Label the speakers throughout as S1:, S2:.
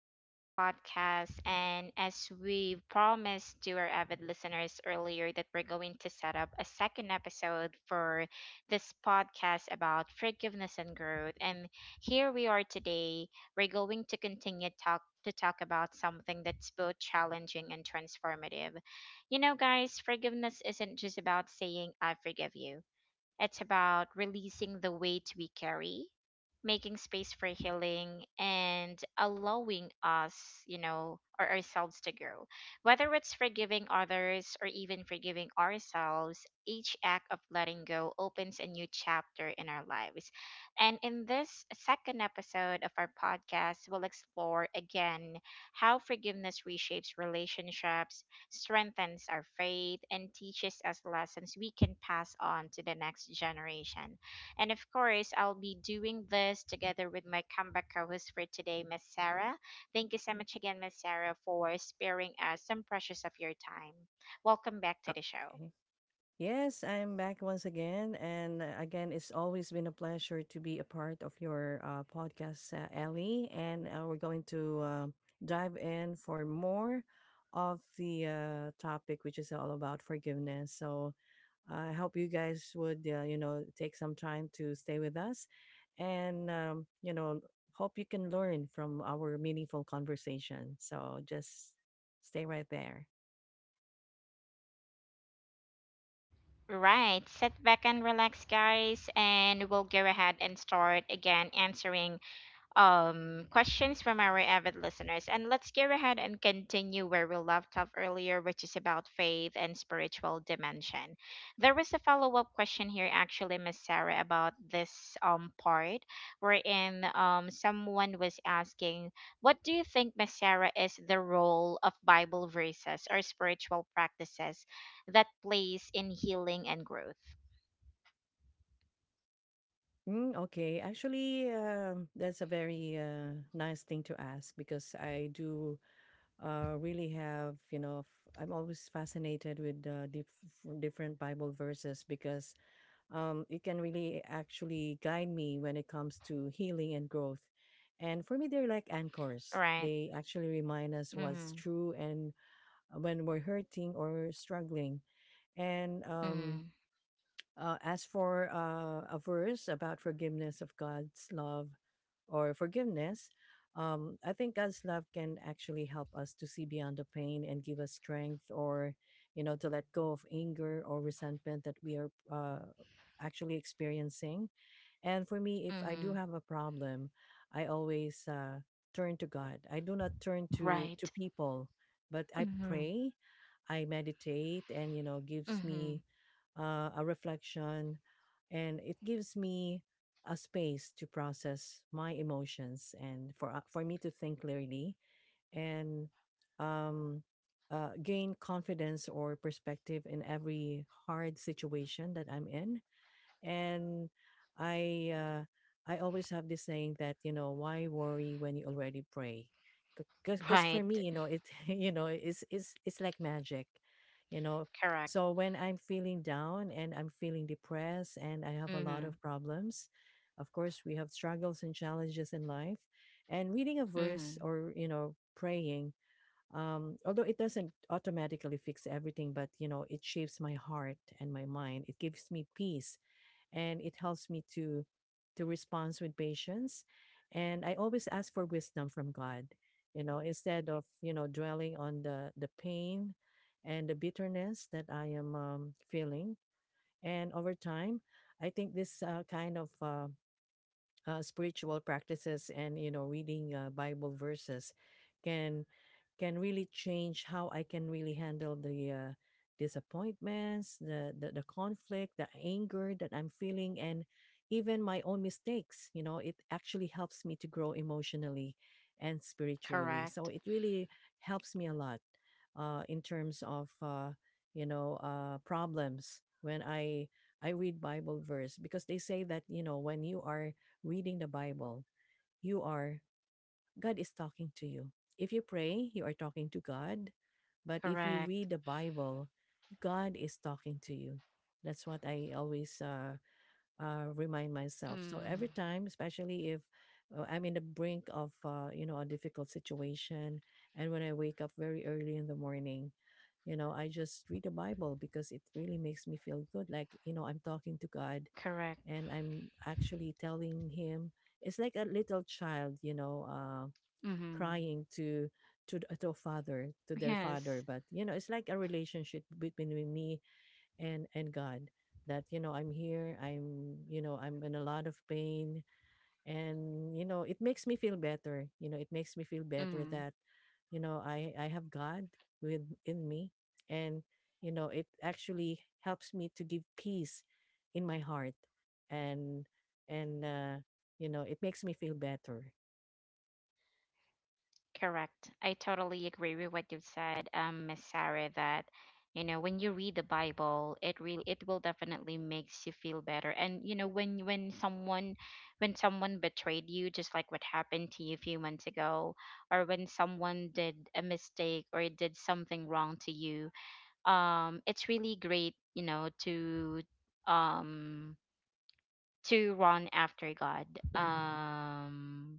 S1: back to our podcast. And as we promised to our avid listeners earlier, that we're going to set up a second episode for this podcast about forgiveness and growth. And here we are today. We're going to continue talk about something that's both challenging and transformative. You know, guys, forgiveness isn't just about saying I forgive you. It's about releasing the weight we carry, making space for healing, and allowing us, or ourselves to grow. Whether it's forgiving others or even forgiving ourselves, each act of letting go opens a new chapter in our lives. And in this second episode of our podcast, we'll explore again how forgiveness reshapes relationships, strengthens our faith, and teaches us lessons we can pass on to the next generation. And of course, I'll be doing this together with my comeback co host for today, Miss Sarah. Thank you so much again, Miss Sarah, for sparing us some precious of your time. Welcome back to the show.
S2: Okay. Yes, I'm back once again. And again, it's always been a pleasure to be a part of your podcast, Ellie. And we're going to dive in for more of the topic, which is all about forgiveness. So I hope you guys would, take some time to stay with us. And, um, you know, hope you can learn from our meaningful conversation. So just stay right there.
S1: Right, sit back and relax, guys, and we'll go ahead and start again answering questions from our avid listeners. And let's go ahead and continue where we left off earlier, which is about faith and spiritual dimension. There was a follow up question here, actually, Miss Sarah, about this part, wherein someone was asking, what do you think, Miss Sarah, is the role of Bible verses or spiritual practices that plays in healing and growth?
S2: Mm, okay. Actually, that's a very nice thing to ask because I do really have, I'm always fascinated with different Bible verses because it can really actually guide me when it comes to healing and growth. And for me, they're like
S1: Right.
S2: anchors. They actually remind us
S1: Mm-hmm.
S2: what's true and when we're hurting or struggling. And
S1: Mm-hmm.
S2: um, uh, as for a verse about forgiveness of God's love or forgiveness, I think God's love can actually help us to see beyond the pain and give us strength, or you know, to let go of anger or resentment that we are actually experiencing. And for me, if I
S1: Mm-hmm.
S2: do have a problem, I always turn to God. I do not turn to
S1: Right.
S2: to people, but I
S1: Mm-hmm.
S2: pray, I meditate, and you know, gives
S1: Mm-hmm.
S2: me a reflection, and it gives me a space to process my emotions and for me to think clearly and um, gain confidence or perspective in every hard situation that I'm in. And I uh, I always have this saying that, you know, why worry when you already pray, because
S1: Right.
S2: for me, you know, it you know, it's like magic, you know.
S1: Correct.
S2: So when I'm feeling down and I'm feeling depressed and I have a lot
S1: Mhm.
S2: of problems, of course we have struggles and challenges in life, and reading a
S1: Mhm.
S2: verse or, you know, praying although it doesn't automatically fix everything, but you know, it shapes my heart and my mind. It gives me peace and it helps me to respond with patience, and I always ask for wisdom from God, you know, instead of, you know, dwelling on the pain and the bitterness that I am feeling. And over time, I think this kind of spiritual practices and, you know, reading Bible verses can can really change how I can really handle the disappointments, the conflict, the anger that I'm feeling, and even my own mistakes. You know, it actually helps me to grow emotionally and spiritually, so
S1: Correct.
S2: it really helps me a lot in terms of problems. When I read Bible verse, because they say that, you know, when you are reading the Bible, you are, God is talking to you. If you pray, you are talking to God. But if you read
S1: Correct.
S2: the Bible, God is talking to you. That's what I always remind myself. So
S1: Mm.
S2: every time, especially if I'm in the brink of, you know, a difficult situation, and when I wake up very early in the morning, you know, I just read the Bible because it really makes me feel good. Like, you know, I'm talking to God
S1: Correct.
S2: and I'm actually telling him it's like a little child, you know,
S1: Mhm.
S2: crying to a father, to
S1: Yes.
S2: their father. But you know, it's like a relationship between me and God. That you know, I'm here. I'm, you know, I'm in a lot of pain, and you know, it makes me feel better. You know, it makes me feel better
S1: Mm.
S2: that you know, I have God with in me, and you know, it actually helps me to give peace in my heart, and and you know, it makes me feel better.
S1: Correct. I totally agree with what you've said, Miss Sarah, that you know when you read the Bible, it will definitely makes you feel better. And when someone betrayed you, just like what happened to you a few months ago, or when someone did a mistake or did something wrong to you. It's really great, to, um run after God. um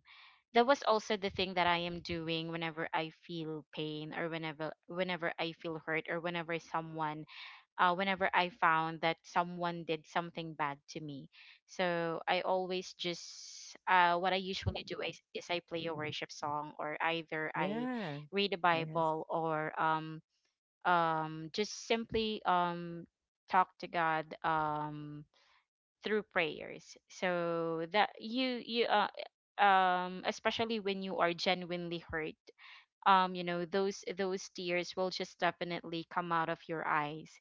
S1: that was also the thing that I am doing whenever I feel pain, or whenever I feel hurt, or whenever I found that someone did something bad to me. So I always just what I usually do is I play a worship song, or either I
S2: Yeah.
S1: read the
S2: Yes.
S1: Bible, or just simply, talk to God, through prayers. So that, you especially when you are genuinely hurt, you know those tears will just definitely come out of your eyes.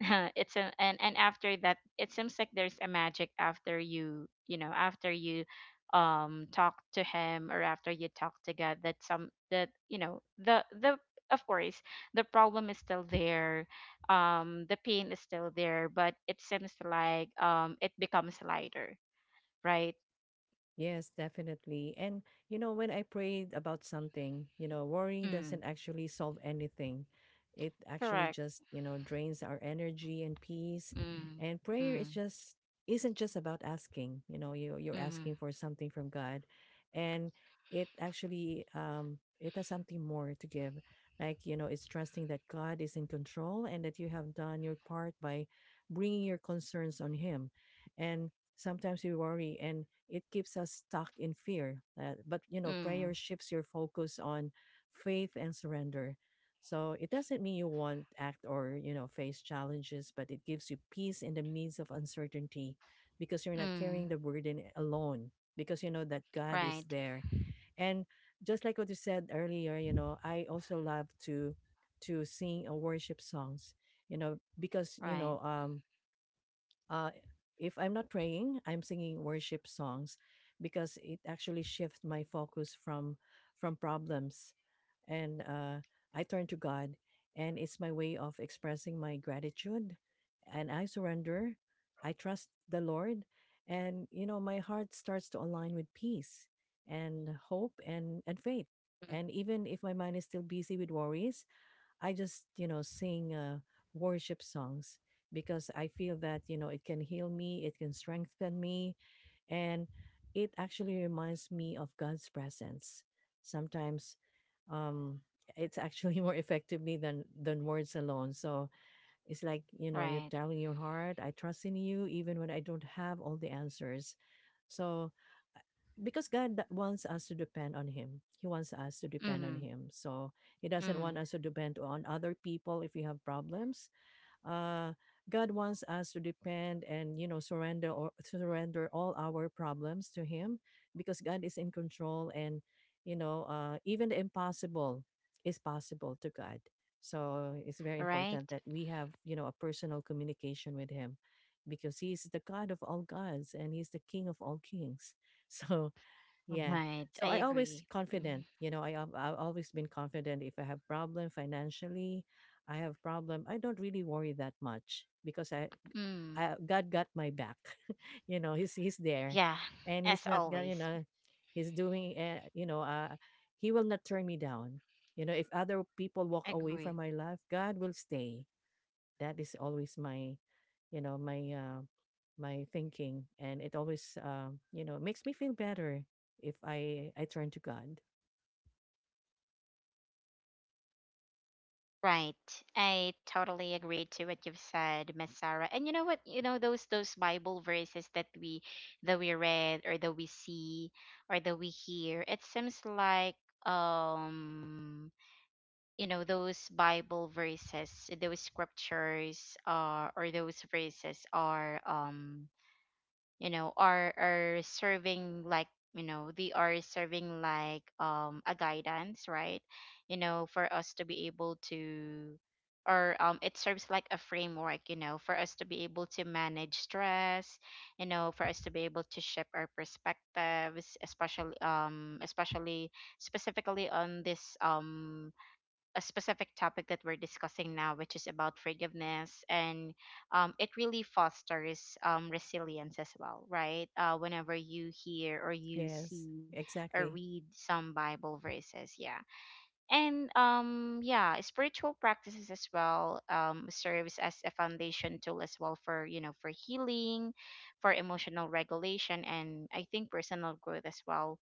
S1: it's a and after that, it seems like there's a magic after you, talk to him, or after you talk to God, that, you know the of course, the problem is still there, the pain is still there, but it seems like it becomes lighter, right.
S2: Yes, definitely. And you know, when I prayed about something, you know, worrying
S1: Mm.
S2: doesn't actually solve anything. It actually
S1: Correct.
S2: just, you know, drains our energy and peace.
S1: Mm.
S2: And prayer
S1: Mm.
S2: is just isn't just about asking, you know, you you're
S1: Mm.
S2: asking for something from God. And it actually it has something more to give. Like, you know, it's trusting that God is in control and that you have done your part by bringing your concerns on him. And sometimes we worry and it keeps us stuck in fear. But you know, prayer
S1: Mm.
S2: shifts your focus on faith and surrender. So it doesn't mean you won't act or, you know, face challenges, but it gives you peace in the midst of uncertainty, because you're not carrying
S1: Mm.
S2: the burden alone. Because you know that God is
S1: Right,
S2: there, and just like what you said earlier, you know, I also love to sing worship songs. You know, because you
S1: right.
S2: know, uh, if I'm not praying, I'm singing worship songs because it actually shifts my focus from problems, and I turn to God, and it's my way of expressing my gratitude, and I surrender, I trust the Lord, and you know my heart starts to align with peace and hope
S1: Mm.
S2: and faith, and even if my mind is still busy with worries, I just, you know, sing worship songs because I feel that, you know, it can heal me, it can strengthen me, and it actually reminds me of God's presence. Sometimes um, it's actually more effectively than words alone. So it's like, you know,
S1: Right.
S2: you're telling your heart, I trust in you, even when I don't have all the answers. So because God that wants us to depend on Him. He wants us to depend on
S1: Mm,
S2: Him. So He doesn't
S1: mm.
S2: want us to depend on other people if we have problems. Uh, God wants us to depend and, you know, surrender or surrender all our problems to Him because God is in control and, you know, even the impossible is possible to God. So it's very
S1: Right,
S2: important that we have, you know, a personal communication with Him because He is the God of all gods and He's the King of all kings. So yeah.
S1: right. I
S2: So I always
S1: agree. Mm,
S2: confident, you know, I've always been confident if I have problem financially, I have problem, I don't really worry that much because
S1: mm.
S2: I God got my back. You know, he's there
S1: Yeah,
S2: and he's
S1: as
S2: not gonna, you
S1: always.
S2: know, he's doing he will not turn me down. You know, if other people walk away
S1: Agree.
S2: from my life, God will stay. That is always my, you know, my my thinking, and it always you know makes me feel better if I turn to God.
S1: Right, I totally agree to what you've said, Miss Sarah. And you know what? You know those Bible verses that we, read, or that we see, or that we hear. It seems like, um those bible verses, those scriptures, or those verses are, are serving like, they are serving like a guidance, right? You know, for us to be able to, or it serves like a framework, you know, for us to be able to manage stress, you know, for us to be able to shift our perspectives, especially specifically on this, a specific topic that we're discussing now, which is about forgiveness. And it really fosters, resilience as well, right? Whenever you hear, or you
S2: Yes,
S1: see, or
S2: exactly.
S1: read some Bible verses, yeah. And yeah, spiritual practices as well, serves as a foundation tool as well for, for healing, for emotional regulation, and I think personal growth as well,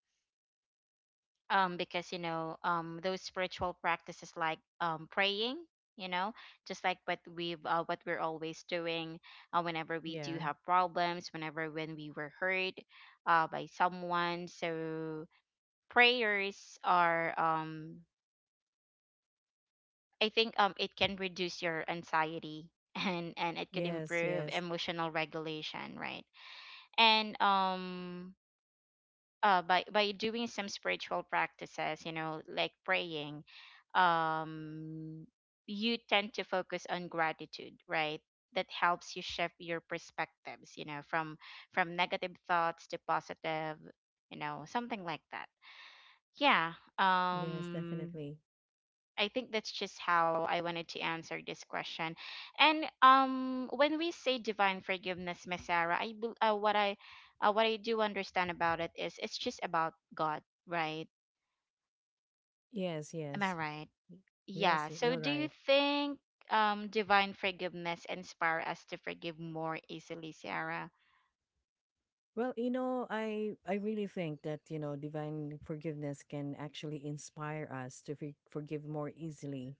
S1: because, those spiritual practices like, praying, you know, just like what we're always doing, whenever we do
S2: Yeah.
S1: have problems, when we were hurt, by someone. So prayers are, I think, it can reduce your anxiety and it could
S2: Yes.
S1: improve
S2: Yes.
S1: emotional regulation, right? And by doing some spiritual practices, you know, like praying, um you tend to focus on gratitude, right? That helps you shift your perspectives, you know, from negative thoughts to positive, you know, something like that. Yeah.
S2: Yes,
S1: um
S2: definitely.
S1: I think that's just how I wanted to answer this question. And when we say divine forgiveness, Miss Sarah, I bel- what I do understand about it is, it's just about God, right?
S2: Yes.
S1: Am I
S2: yes
S1: right?
S2: Y-
S1: Yeah.
S2: yes y-
S1: So
S2: you're
S1: do you
S2: right.
S1: think divine forgiveness inspire us to forgive more easily, Sarah?
S2: Well, you know, I really think that, you know, divine forgiveness can actually inspire us to forgive more easily,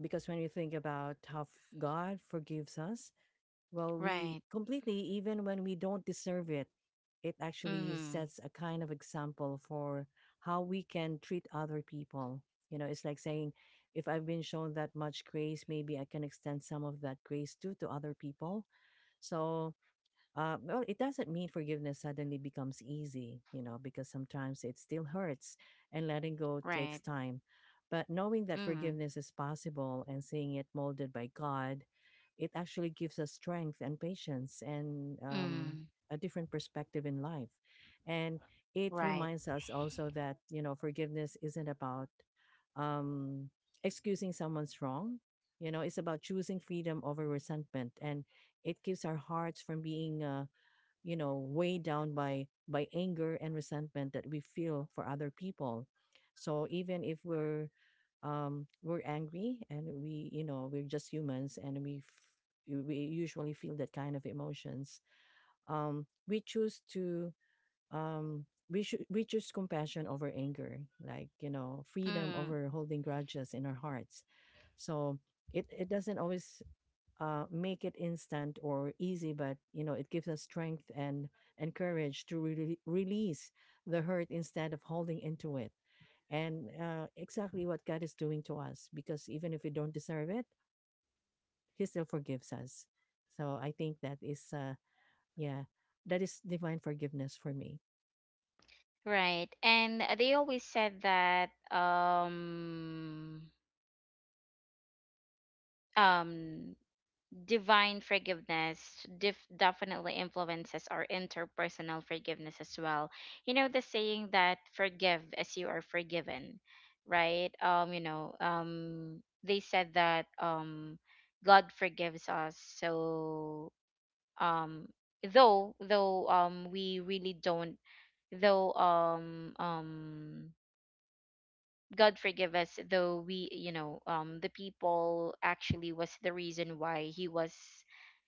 S2: because when you think about how God forgives us. Well, we
S1: Right.
S2: completely, even when we don't deserve it, it actually
S1: Mm.
S2: sets a kind of example for how we can treat other people. You know, it's like saying, if I've been shown well, it doesn't mean forgiveness suddenly becomes easy, you know, because sometimes it still hurts and letting go
S1: Right.
S2: takes time. But knowing that
S1: Mm.
S2: forgiveness is possible and seeing it molded by God, it actually gives us strength and patience and
S1: Mm.
S2: a different perspective in life. And it
S1: Right.
S2: reminds us also that, you know, forgiveness isn't about um, excusing someone's wrong. You know, it's about choosing freedom over resentment, and it keeps our hearts from being, you know, weighed down by anger and resentment that we feel for other people. So even if we're we're angry and we, you know, we're just humans and we usually feel that kind of emotions. We choose to we should We choose compassion over anger, like, you know, freedom
S1: Mm.
S2: over holding grudges in our hearts. So it doesn't always make it instant or easy, but you know it gives us strength and courage to release the hurt instead of holding into it. And exactly what God is doing to us, because even if we don't deserve it, He still forgives us. So I think that is, yeah, that is divine forgiveness for me.
S1: Right. And they always said that, um divine forgiveness, definitely influences our interpersonal forgiveness as well, you know, the saying that, forgive as you are forgiven, right? They said that, God forgives us. So, um though we really don't, though God forgive us, though we, you know, the people actually was the reason why he was,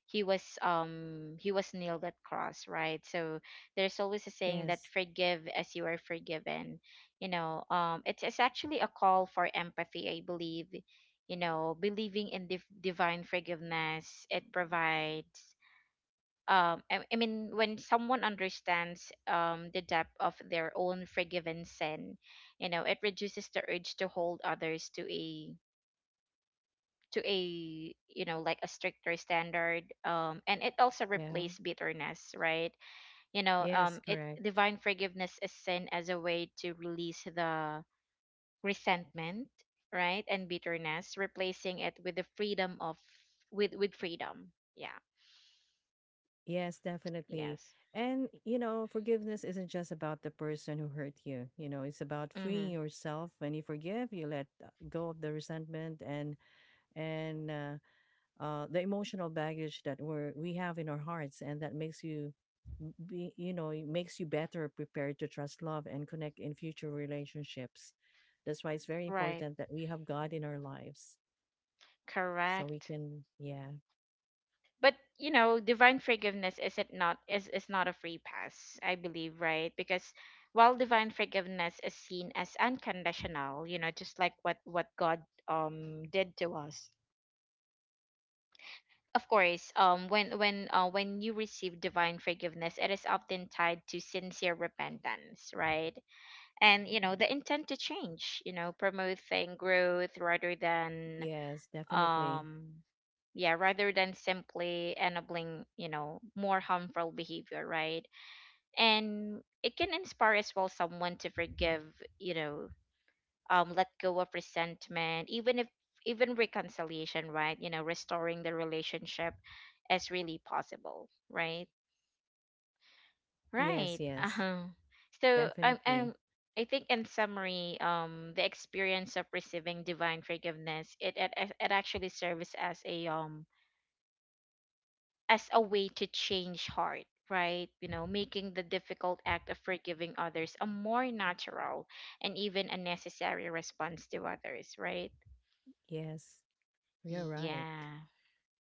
S1: he was nailed at cross, right? So there's always a saying that,
S2: Yes.
S1: forgive as you are forgiven. You know, it's, actually a call for empathy, I believe. You know, believing in divine forgiveness, it provides, I mean when someone understands the depth of their own forgiven sin, you know, it reduces the urge to hold others to a, you know, like a stricter standard, and it also
S2: Yeah.
S1: replaces bitterness, right? You know,
S2: Yes.
S1: it
S2: Correct.
S1: divine forgiveness is seen as a way to release the resentment, right? And bitterness, replacing it with the freedom of, with freedom, yeah.
S2: Yes, definitely.
S1: Yes.
S2: And, you know, forgiveness isn't just about the person who hurt you. You know, it's about freeing
S1: Mhm.
S2: yourself. When you forgive, you let go of the resentment and and uh, the emotional baggage that we're, we have in our hearts, and that makes you you know, it makes you better prepared to trust, love, and connect in future relationships. That's why it's very
S1: Right.
S2: important that we have God in our lives, so we
S1: Correct.
S2: can, yeah,
S1: But you know, divine forgiveness is, it not is is not a free pass, I believe, right? Because while divine forgiveness is seen as unconditional, you know, just like what God did to us. Of course, when, when you receive divine forgiveness, it is often tied to sincere repentance, right? And you know, the intent to change, you know, promoting growth rather than,
S2: yes, definitely,
S1: um yeah, rather than simply enabling, you know, more harmful behavior, right? And it can inspire as well someone to forgive, you know, let go of resentment, even if, even reconciliation, right? You know, restoring the relationship is really possible, right? Right.
S2: yes,
S1: Uh-huh. So
S2: definitely.
S1: I think in summary, the experience of receiving divine forgiveness, it actually serves as a, as a way to change heart, right? You know, making the difficult act of forgiving others a more natural and even a necessary response to others, right?
S2: Yes, you're right.
S1: Yeah.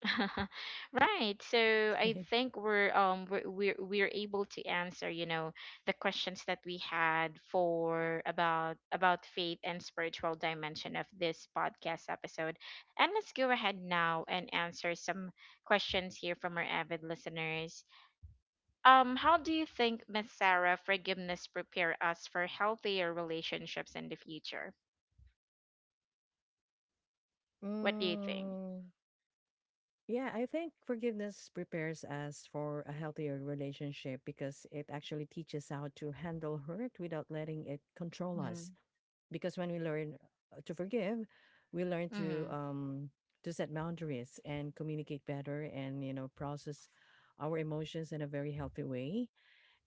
S1: Right. So I think, we're able to answer, you know, the questions that we had for about faith and spiritual dimension of this podcast episode. And let's go ahead now and answer some questions here from our avid listeners. How do you think, Miss Sarah, forgiveness prepare us for healthier relationships in the future? What do you think?
S2: Mm, yeah, I think forgiveness prepares us for a healthier relationship because it actually teaches how to handle hurt without letting it control
S1: Mm-hmm.
S2: us. Because when we learn to forgive, we learn
S1: Mm-hmm.
S2: to set boundaries and communicate better and, you know, process our emotions in a very healthy way.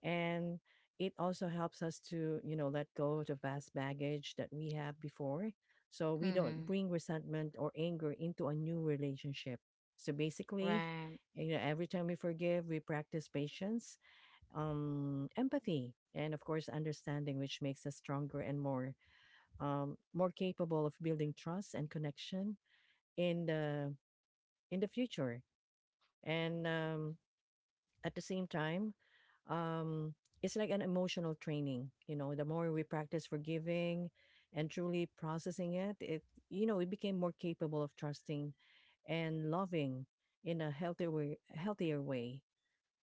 S2: And it also helps us to, you know, let go of the vast baggage that we have before, so we don't
S1: Mm-hmm.
S2: bring resentment or anger into a new relationship. So basically,
S1: Right.
S2: you know, every time we forgive we practice patience, empathy, and of course understanding, which makes us stronger and more, more capable of building trust and connection in the in the future. And at the same time, um, it's like an emotional training. You know, the more we practice forgiving and truly processing it, you know, we became more capable of trusting and loving in a healthier way,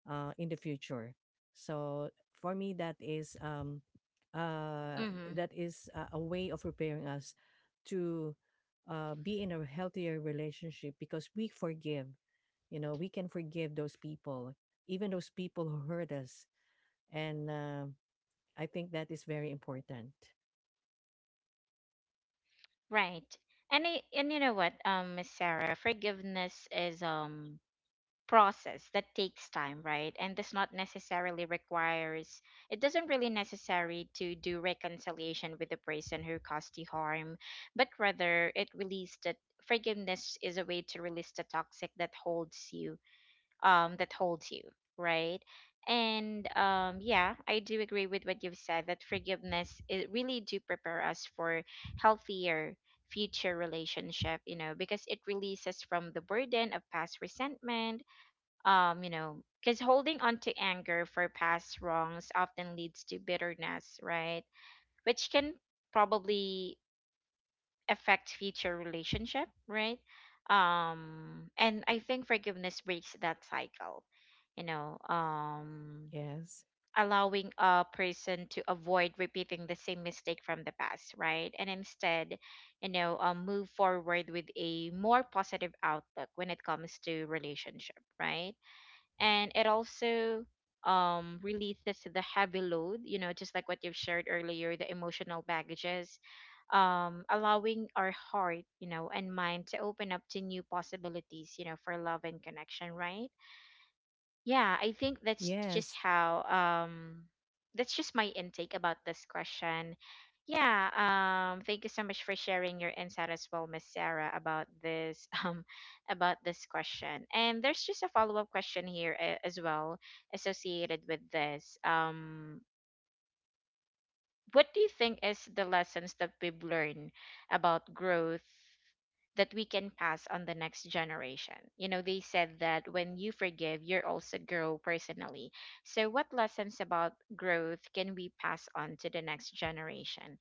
S2: in the future. So for me,
S1: Mm-hmm.
S2: uh, that is a way of preparing us to be in a healthier relationship. Because we forgive, you know, we can forgive those people, even those people who hurt us. And I think that is very important.
S1: Right. And, you know what, Miss Sarah, forgiveness is process that takes time, right? And this not necessarily requires, it doesn't really necessary to do reconciliation with the person who caused you harm, but rather it released that, forgiveness is a way to release the toxic that holds you, right? And yeah, I do agree with what you've said, that forgiveness, it really do prepare us for healthier future relationship, you know, because it releases from the burden of past resentment, you know, because holding on to anger for past wrongs often leads to bitterness, right? Which can probably affect future relationship, right? And I think forgiveness breaks that cycle, you know.
S2: Yes.
S1: Allowing a person to avoid repeating the same mistake from the past, right? And instead, you know, move forward with a more positive outlook when it comes to relationship, right? And it also releases the heavy load, you know, just like what you've shared earlier, the emotional baggages, allowing our heart, you know, and mind to open up to new possibilities, you know, for love and connection, right? Yeah, I think that's just
S2: Yes.
S1: how that's just my intake about this question. Yeah. Thank you so much for sharing your insight as well, Miss Sarah, about this about this question. And there's just a follow-up question here as well associated with this. What do you think is the lessons that we've learned about growth that we can pass on the next generation? You know, they said that when you forgive, you're also grow personally. So what lessons about growth can we pass on to the next generation?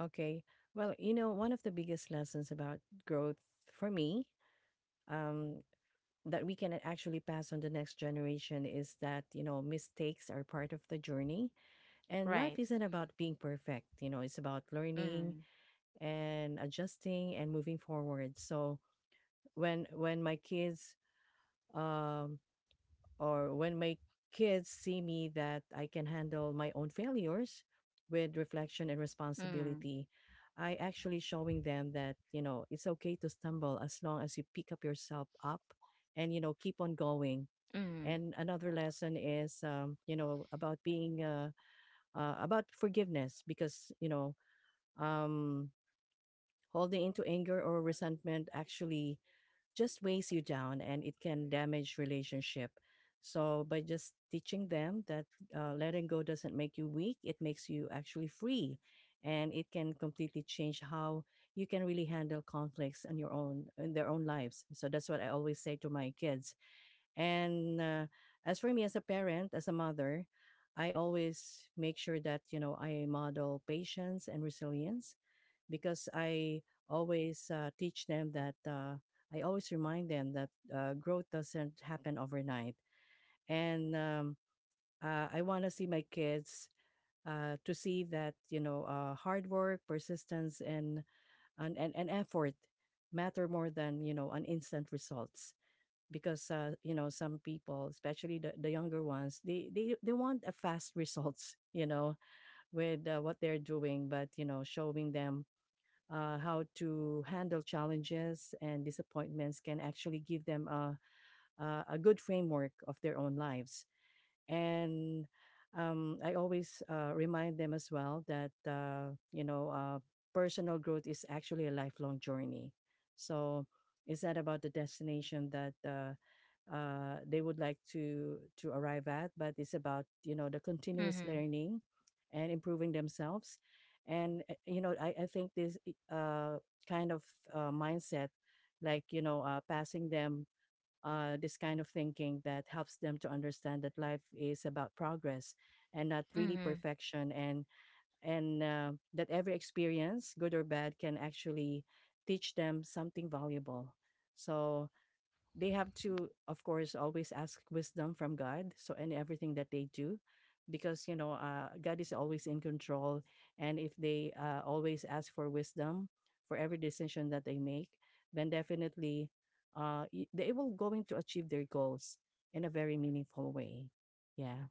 S2: Okay. Well, you know, one of the biggest lessons about growth for me, um, that we can actually pass on the next generation is that, you know, mistakes are part of the journey and
S1: Right.
S2: life isn't about being perfect, you know, it's about learning
S1: Mm.
S2: and adjusting and moving forward. So when my kids um or when my kids see me that I can handle my own failures with reflection and
S1: Mm.
S2: responsibility, I actually showing them that, you know, it's okay to stumble as long as you pick up yourself up and, you know, keep on
S1: Mm.
S2: going. And another lesson is, you know, about being about forgiveness, because, you know, um, holding into anger or resentment actually just weighs you down and it can damage relationship. So by just teaching them that letting go doesn't make you weak, it makes you actually free, and it can completely change how you can really handle conflicts on your own in their own lives. So that's what I always say to my kids. And as for me as a parent, as a mother, I always make sure that, you know, I model patience and resilience, because I always teach them that I always remind them that growth doesn't happen overnight. And I want to see my kids to see that, you know, hard work, persistence, and and effort matter more than, you know, an instant results. Because you know, some people, especially the younger ones, they they want a fast results, you know, with what they're doing. But, you know, showing them how to handle challenges and disappointments can actually give them a, a good framework of their own lives. And I always remind them as well that you know, personal growth is actually a lifelong journey. So it's not about the destination that they would like to arrive at, but it's about, you know, the continuous
S1: Mm-hmm.
S2: learning and improving themselves. And you know, I think this kind of mindset, like, you know, passing them this kind of thinking that helps them to understand that life is about progress and not really
S1: Mm-hmm.
S2: perfection, and that every experience, good or bad, can actually teach them something valuable. So they have to, of course, always ask wisdom from God, so in everything that they do, because, you know, God is always in control. And if they always ask for wisdom for every decision that they make, then definitely they will going to achieve their goals in a very meaningful way. Yeah.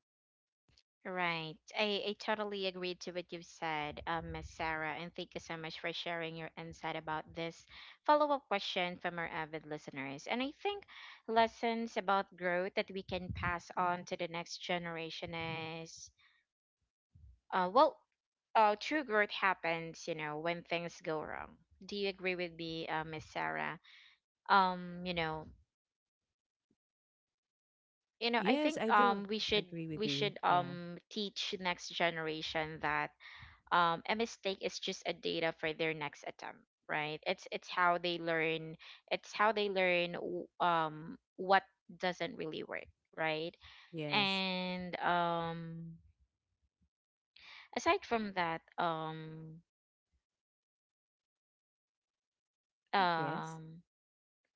S1: Right. I totally agree to what you've said, Miss Sarah, and thank you so much for sharing your insight about this follow up question from our avid listeners. And I think lessons about growth that we can pass on to the next generation is well, true growth happens, you know, when things go wrong. Do you agree with me, Miss Sarah? Um, you know, you know, I
S2: Yes,
S1: think
S2: I do
S1: we should
S2: agree with
S1: we
S2: you.
S1: should
S2: Yeah.
S1: um teach next generation that, a mistake is just a data for their next attempt, right? It's how they learn. It's how they learn what doesn't really work, right?
S2: Yes.
S1: And aside from that,
S2: Yes.
S1: um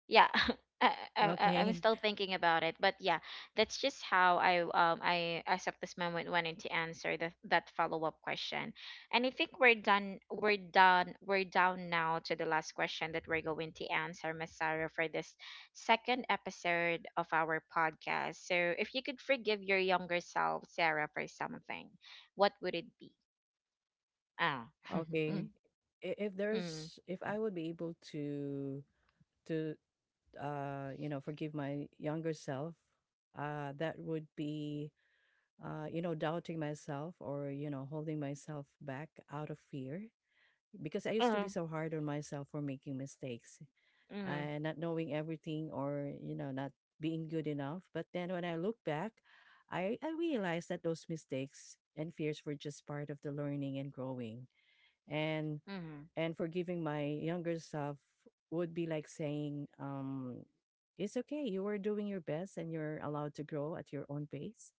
S1: yeah. I'm
S2: Okay.
S1: still thinking about it, but yeah, that's just how I as of this moment wanted to answer the, that follow up question. And I think we're down now to the last question that we're going to answer, Miss Sarah, for this second episode of our podcast. So if you could forgive your younger self, Sarah, for something, what would it be? Ah,
S2: Okay.
S1: mm, mm,
S2: If I would be able to to you know, forgive my younger self, that would be, you know, doubting myself, or, you know, holding myself back out of fear. Because I used to be
S1: mm,
S2: so hard on myself for making mistakes
S1: mm,
S2: and not knowing everything, or, you know, not being good enough. But then when I look back, I realized that those mistakes and fears were just part of the learning and growing. And
S1: mm.
S2: and forgiving my younger self would be like saying, it's okay, you were doing your best, and you're allowed to grow at your own pace.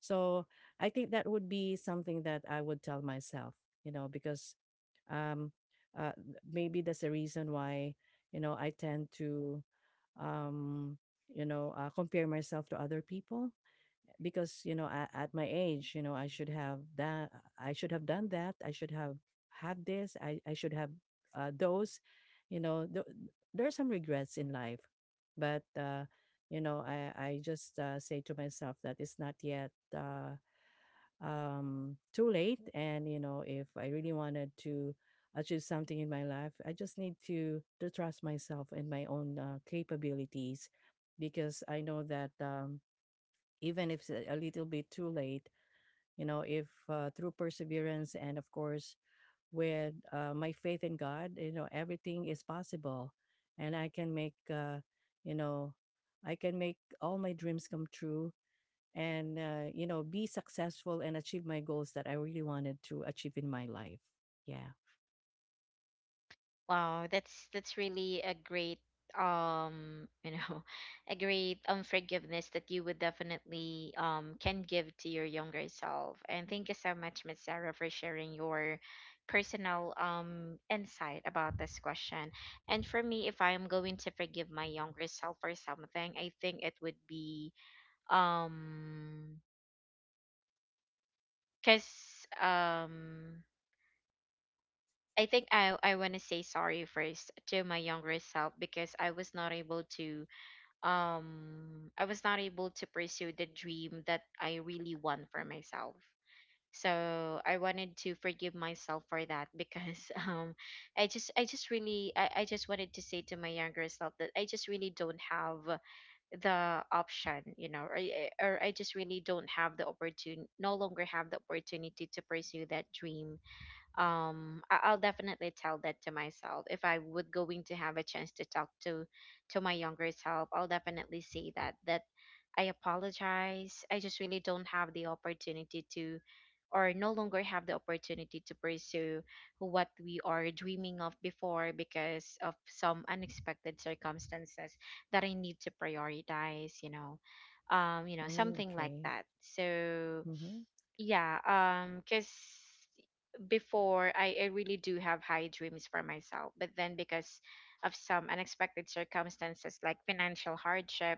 S2: So I think that would be something that I would tell myself, you know, because um uh, maybe that's the reason why, you know, I tend to um you know, compare myself to other people. Because, you know, at my age, you know, I should have that, I should have done that, I should have this, I should have those, you know, there are some regrets in life. But you know, I just say to myself that it's not yet too late. And, you know, if I really wanted to achieve something in my life, I just need to trust myself and my own capabilities. Because I know that, even if it's a little bit too late, you know, if through perseverance and, of course, with my faith in God, you know, everything is possible. And I can make, you know, I can make all my dreams come true and, you know, be successful and achieve my goals that I really wanted to achieve in my life. Yeah.
S1: Wow, that's really a great you know a great forgiveness that you would definitely can give to your younger self. And thank you so much, Miss Sarah, for sharing your personal insight about this question. And for me, if I am going to forgive my younger self for something, I think it would be um because I think I want to say sorry first to my younger self because I was not able to I was not able to pursue the dream that I really want for myself. So I wanted to forgive myself for that because I just I just wanted to say to my younger self that I just really don't have the option, you know, or I just really don't have the opportunity, no longer have the opportunity to pursue that dream. I'll definitely tell that to myself. If I would going to have a chance to talk to my younger self, I'll definitely say that that I apologize, I just really don't have the opportunity to or no longer have the opportunity to pursue what we are dreaming of before because of some unexpected circumstances that I need to prioritize, you know. You know,
S2: Mm,
S1: something like
S2: okay.
S1: that. So
S2: Mm-hmm.
S1: yeah. Because before, I really do have high dreams for myself, but then because of some unexpected circumstances like financial hardship,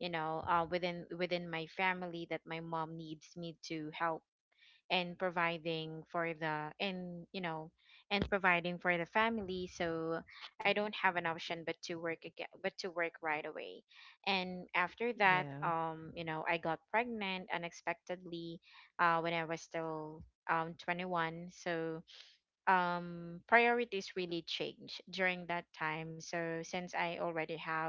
S1: you know, within my family, that my mom needs me to help in providing for the, in, you know, and providing for the family. So I don't have an option but to work again, but to work right away. And after that,
S2: Yeah.
S1: you know, I got pregnant unexpectedly when I was still 21. So priorities really change during that time. So since I already have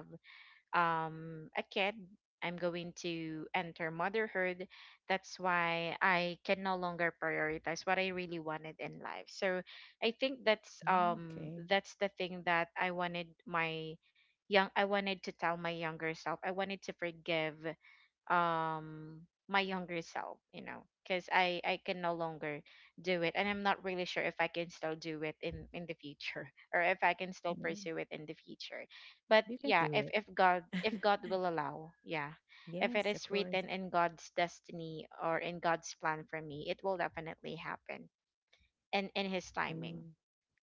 S1: a kid, I'm going to enter motherhood. That's why I can no longer prioritize what I really wanted in life. So I think
S2: Mm, okay.
S1: that's the thing that I wanted my young I wanted to tell my younger self. I wanted to forgive um my younger self, you know, because I can no longer do it, and I'm not really sure if I can still do it in the future or if I can still
S2: Mm.
S1: pursue it in the future. But
S2: You can
S1: yeah,
S2: do
S1: if
S2: it.
S1: if god if god will allow, yeah. If it
S2: Yes, of
S1: is
S2: course.
S1: written in god's destiny or in god's plan for me, it will definitely happen, and in his timing.
S2: Mm.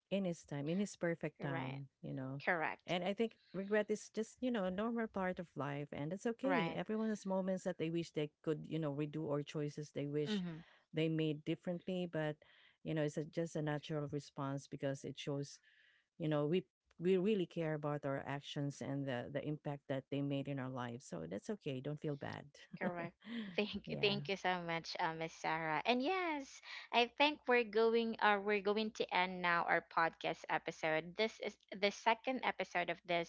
S2: In his time, in his perfect
S1: Right.
S2: time, you know.
S1: Correct.
S2: And I think regret is just, you know, a normal part of life, and it's okay.
S1: Right.
S2: Everyone has moments that they wish they could, you know, redo, or choices they wish
S1: Mhm.
S2: they made differently. But, you know, it's a, just a natural response, because it shows, you know, we really care about our actions and the impact that they made in our lives. So that's okay. Don't feel bad.
S1: Correct.
S2: Yeah.
S1: Thank you so much, Miss Sarah. And yes, I think we're going to end now our podcast episode. This is the second episode of this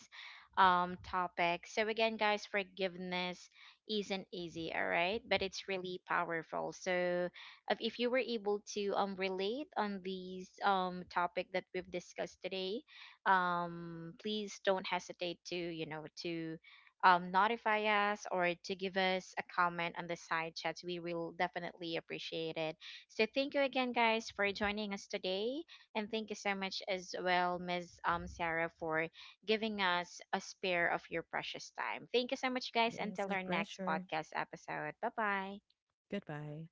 S1: topic. So again, guys, forgiveness isn't easy, all right? But it's really powerful. So if you were able to relate on these topic that we've discussed today, please don't hesitate to, you know, to notify us or to give us a comment on the side chats. We will definitely appreciate it. So thank you again, guys, for joining us today. And thank you so much as well, Miss Sarah, for giving us a spare of your precious time. Thank you so much, guys.
S2: Yes, it's
S1: Until
S2: a
S1: our next
S2: pleasure.
S1: podcast episode. Bye bye.
S2: Goodbye.